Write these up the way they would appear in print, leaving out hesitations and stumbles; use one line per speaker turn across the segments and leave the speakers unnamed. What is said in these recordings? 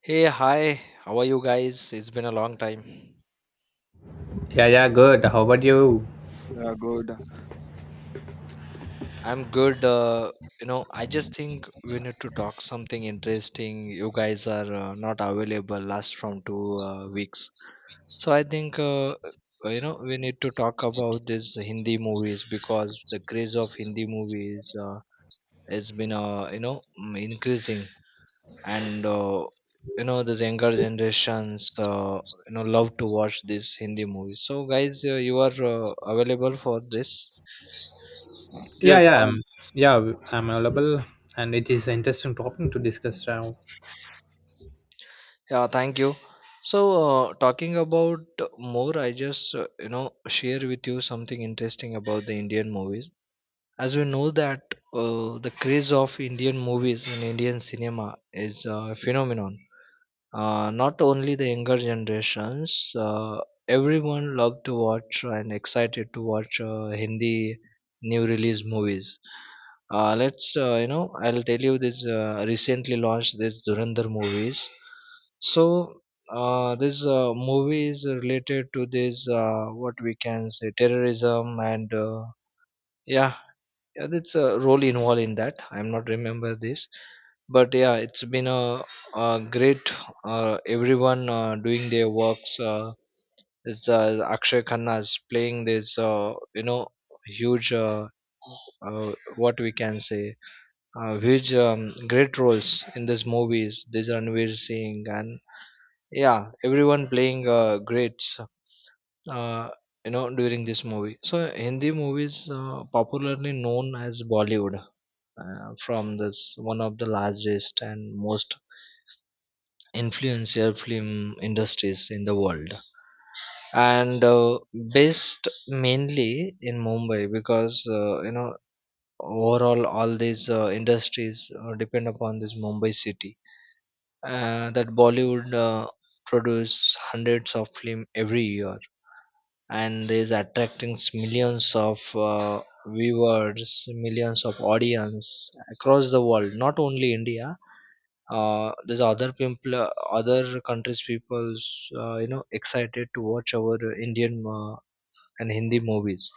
Hey, hi. How are you guys? It's been a long time.
Yeah, yeah, good. How about you?
Yeah, good.
I'm good. I just think we need to talk something interesting. You guys are not available last from two weeks. So I think we need to talk about this Hindi movies because the craze of Hindi movies has been increasing and these younger generations love to watch these hindi movies. So guys, you are available for this?
Yeah,
Yes,
yeah, I'm, yeah, I'm available, and it is an interesting topic to discuss now.
Yeah, thank you. So talking about more, I just share with you something interesting about the indian movies. As we know that the craze of indian movies in indian cinema is a phenomenon. Not only the younger generations, everyone loved to watch and excited to watch Hindi new release movies. I'll tell you this recently launched this Durandar movies. So, this movie is related to this, what we can say, terrorism and yeah, yeah, that's a role involved in that. I'm not remember this, but yeah, it's been a great. Everyone doing their works. Akshay Khanna is playing this, huge what we can say, huge great roles in these movies. This Ranveer Singh and yeah, everyone playing greats uh, during this movie. So hindi movies, popularly known as Bollywood, from this one of the largest and most influential film industries in the world and based mainly in Mumbai, because overall all these industries depend upon this Mumbai city. That Bollywood produce hundreds of film every year and is attracting millions of viewers, millions of audience across the world, not only india. There's other people, other countries people's excited to watch our indian and hindi movies.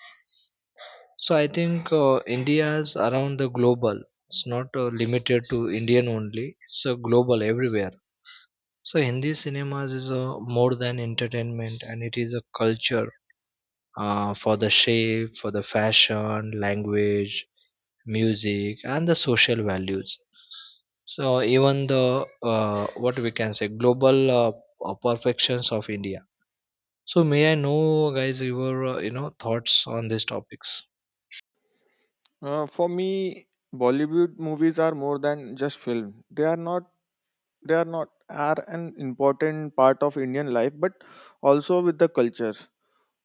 So I think india's around the global, it's not limited to indian only, it's global everywhere. So hindi cinemas is more than entertainment and it is a culture for the shape, for the fashion, language, music, and the social values. So even the what we can say global perfections of India. So may I know, guys, your thoughts on these topics?
for me, Bollywood movies are more than just film. They are not. They are not are an important part of Indian life, but also with the culture.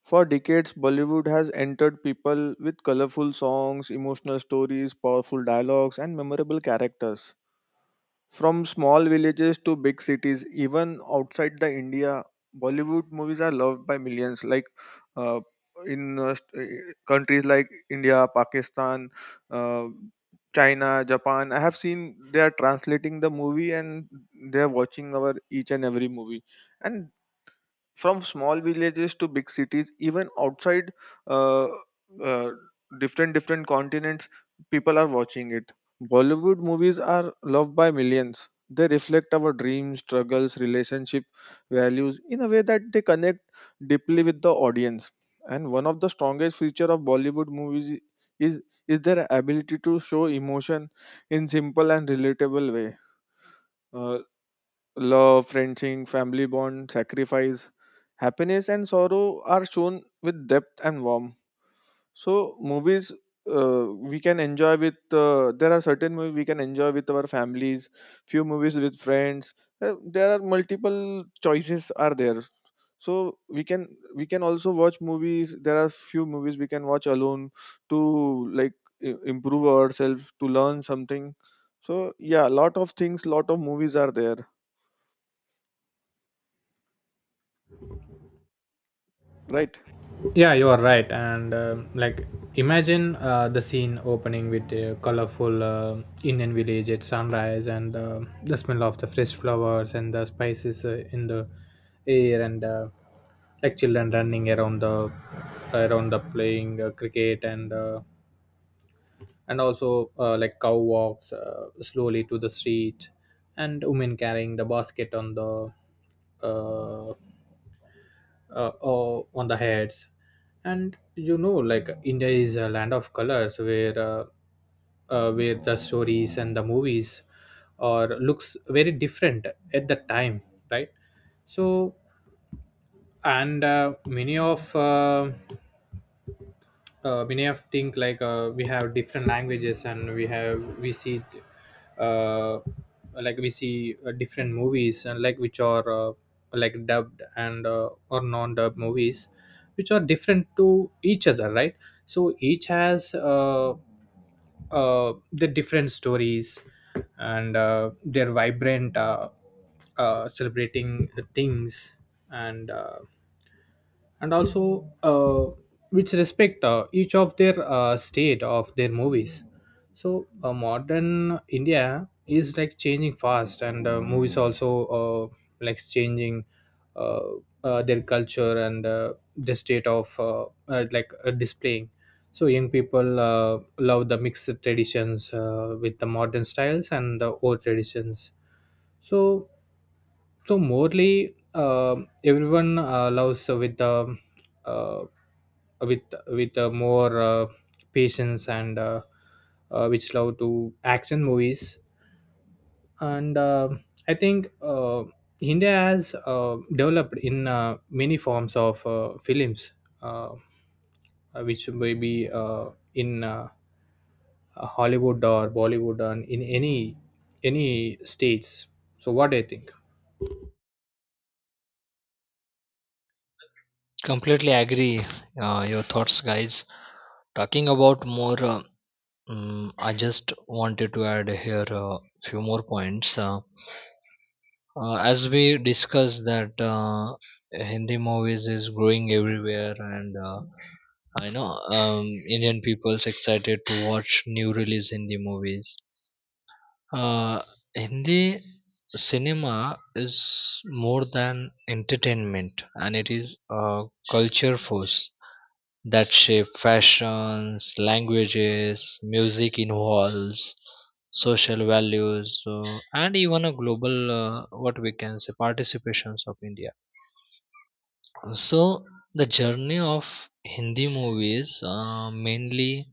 For decades, Bollywood has entered people with colorful songs, emotional stories, powerful dialogues, and memorable characters. From small villages to big cities, even outside the India, Bollywood movies are loved by millions. Like uh, in countries like India, Pakistan, uh, China, Japan, I have seen they are translating the movie and they are watching our each and every movie. And from small villages to big cities even outside uh, uh, different continents, people are watching it. Bollywood movies are loved by millions. They reflect our dreams, struggles, relationship values in a way that they connect deeply with the audience. And one of the strongest feature of Bollywood movies is is their ability to show emotion in simple and relatable way. Uh, Love, friendship, family bond, sacrifice, happiness, and sorrow are shown with depth and warmth. So, movies we can enjoy with, there are certain movies we can enjoy with our families, few movies with friends. There are multiple choices are there. So we can also watch movies. There are few movies we can watch alone to like improve ourselves to learn something. So yeah, lot of things, lot of movies are there, right?
Yeah, you are right. And like, imagine the scene opening with a colorful Indian village at sunrise, and the smell of the fresh flowers and the spices in the air, and like children running around the playing cricket, and also, like cow walks slowly to the street, and women carrying the basket uh, uh, on the heads. And you know, like, India is a land of colors where, where the stories and the movies or looks very different at the time, right? So, and many of think, like, we have different languages, and we see it, uh, like we see different movies, and like which are, like, dubbed and or non-dubbed movies, which are different to each other, right? So each has, the different stories, and their vibrant, celebrating things, and uh, and also which respect each of their state of their movies. So modern India is like changing fast, and movies also uh, like changing uh, their culture and the state of, like, displaying. So young people love the mixed traditions with the modern styles and the old traditions. So, so morely, everyone loves with, uh, with with more patience, and which love to action movies. And I think India has developed in many forms of films, uh, which may be in Hollywood or Bollywood, and in any states. So what do you think?
Completely agree. Your thoughts, guys. Talking about more, I just wanted to add here a few more points. As we discussed that hindi movies is growing everywhere and I know, um, indian people's excited to watch new release hindi movies. uh, Hindi cinema is more than entertainment and it is a culture force that shape fashions, languages, music involves social values and even a global what we can say participations of India. So the journey of Hindi movies mainly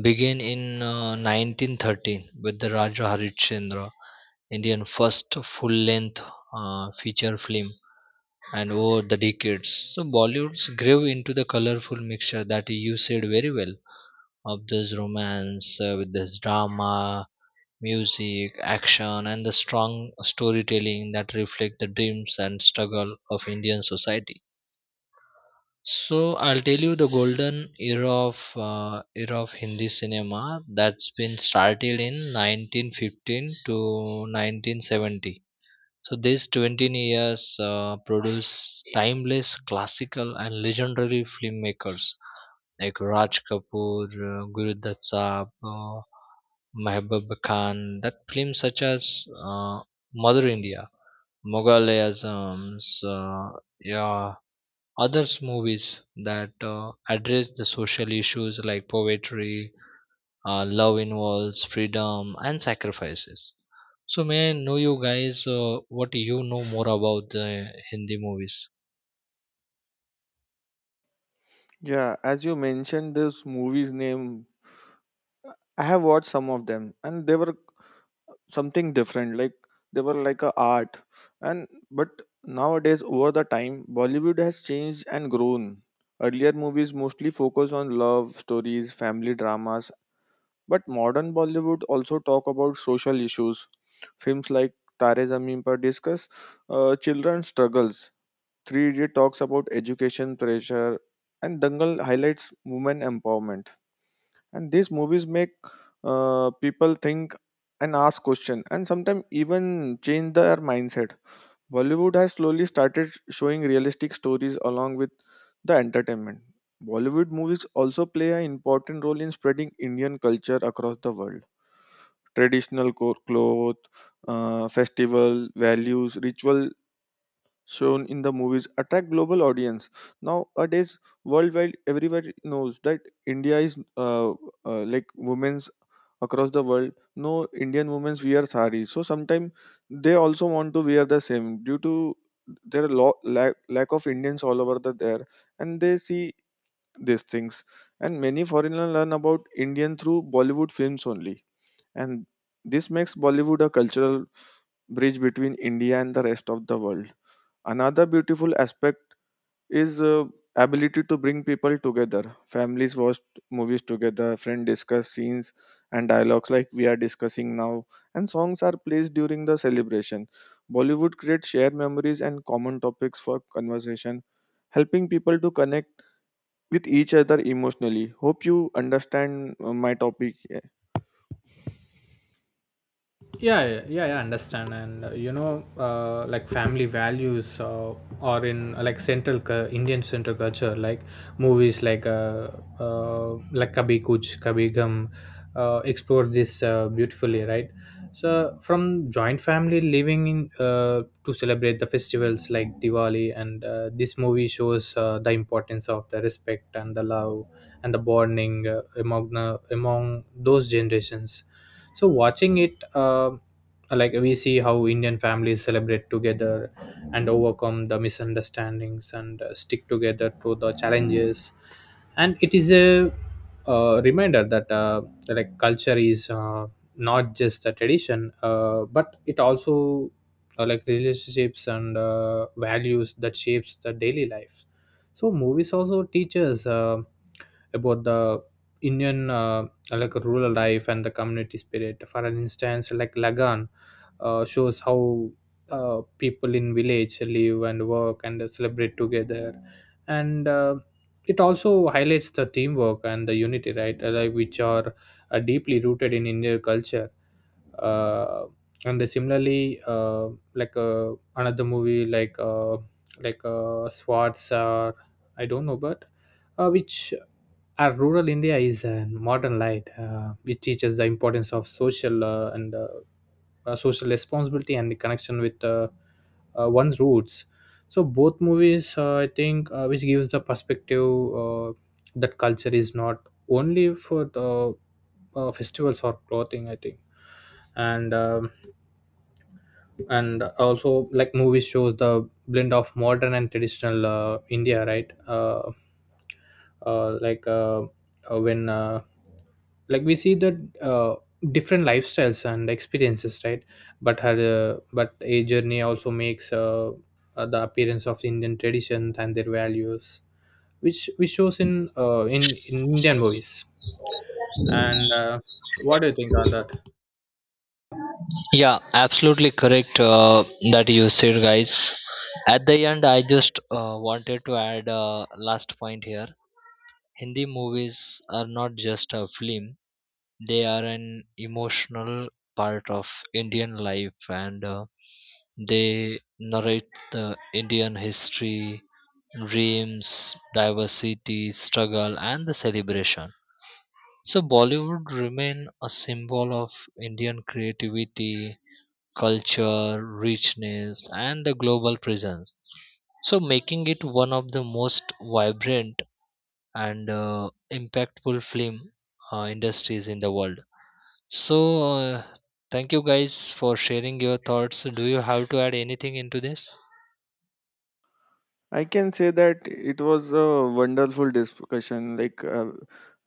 began in 1913 with the Raja Harishchandra, Indian first full-length feature film. And over the decades, so Bollywood's grew into the colorful mixture that you said very well of this romance with this drama, music, action, and the strong storytelling that reflect the dreams and struggle of Indian society. So I'll tell you the golden era of Hindi cinema that's been started in 1915 to 1970. So these 20 years produce timeless classical and legendary filmmakers like Raj Kapoor, Gurudhat Saab, Mehboob Khan. That films such as Mother India, Mughalisms, yeah, others movies that address the social issues like poverty, love involves freedom and sacrifices. So may I know you guys what you know more about the Hindi movies?
Yeah, as you mentioned this movie's name, I have watched some of them and they were something different. Like they were like a art. And but nowadays over the time Bollywood has changed and grown. Earlier movies mostly focus on love stories, family dramas, but modern Bollywood also talk about social issues. Films like Tare Zameen Par discuss children's struggles, Three Idiot talks about education pressure, and Dangal highlights women empowerment. And these movies make people think and ask questions, and sometimes even change their mindset. Bollywood has slowly started showing realistic stories along with the entertainment. Bollywood movies also play an important role in spreading Indian culture across the world. Traditional cloth, festival values, ritual shown in the movies attract global audience. Nowadays worldwide everybody knows that India is like women's across the world. No, Indian women's wear sari, so sometimes they also want to wear the same due to their lack of Indians all over the there, and they see these things. And many foreigners learn about Indian through Bollywood films only, and this makes Bollywood a cultural bridge between India and the rest of the world. Another beautiful aspect is ability to bring people together. Families watch movies together, friends discuss scenes and dialogues like we are discussing now, and songs are placed during the celebration. Bollywood creates shared memories and common topics for conversation, helping people to connect with each other emotionally. Hope you understand my topic.
Yeah, yeah, yeah, yeah, I understand. And you know, like, family values are in, like, central Indian central culture. Like movies like, like, Kabhi Kuch Kabhi Gum explore this beautifully, right? So from joint family living in, to celebrate the festivals like Diwali, and this movie shows the importance of the respect and the love and the bonding among among those generations. So watching it, like, we see how Indian families celebrate together and overcome the misunderstandings, and stick together through the challenges. And it is a reminder that, like, culture is, not just a tradition, but it also, like, relationships and values that shapes the daily life. So movies also teach us, about the Indian, like, rural life and the community spirit. For an instance, like Lagan shows how people in village live and work and celebrate together, and it also highlights the teamwork and the unity, right? Like which are deeply rooted in Indian culture. Uh, and then similarly, another movie like, Swartz, or I don't know, but which our rural India is a modern light. It teaches the importance of social, and social responsibility and the connection with, one's roots. So both movies, I think, which gives the perspective that culture is not only for the festivals or clothing, I think. and uh, and also, like, movies shows the blend of modern and traditional India, right? Uh, like uh, uh, when uh, like, we see that uh, different lifestyles and experiences, right? But a journey also makes the appearance of Indian traditions and their values, which shows in, in Indian movies. And What do you think on that?
Yeah, absolutely correct that you said, guys. At the end, I just wanted to add a last point here. Hindi movies are not just a film, they are an emotional part of Indian life and they narrate the Indian history, dreams, diversity, struggle, and the celebration. So Bollywood remain a symbol of Indian creativity, culture, richness, and the global presence. So making it one of the most vibrant and impactful film industries in the world. So uh, thank you guys for sharing your thoughts. Do you have to add anything into this?
I can say that it was a wonderful discussion. Like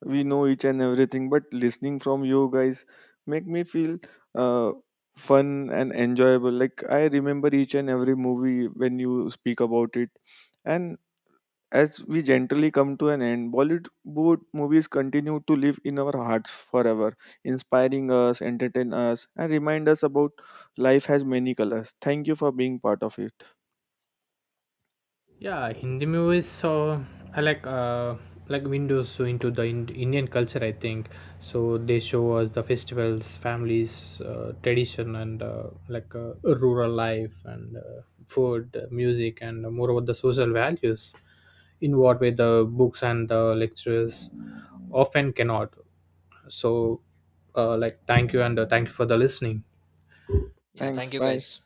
we know each and everything, but listening from you guys make me feel uh, fun and enjoyable. Like I remember each and every movie when you speak about it, and as we gently come to an end, Bollywood movies continue to live in our hearts forever, inspiring us, entertain us, and remind us about life has many colors. Thank you for being part of it.
Yeah, Hindi movies, so I like, like, windows so into the Indian culture, I think. So they show us the festivals, families, tradition, and, like, rural life, and food, music, and more about the social values in what way the books and the lectures often cannot. So, like, thank you, and thank you for the listening.
Yeah,
Thanks.
thank you
Bye.
guys.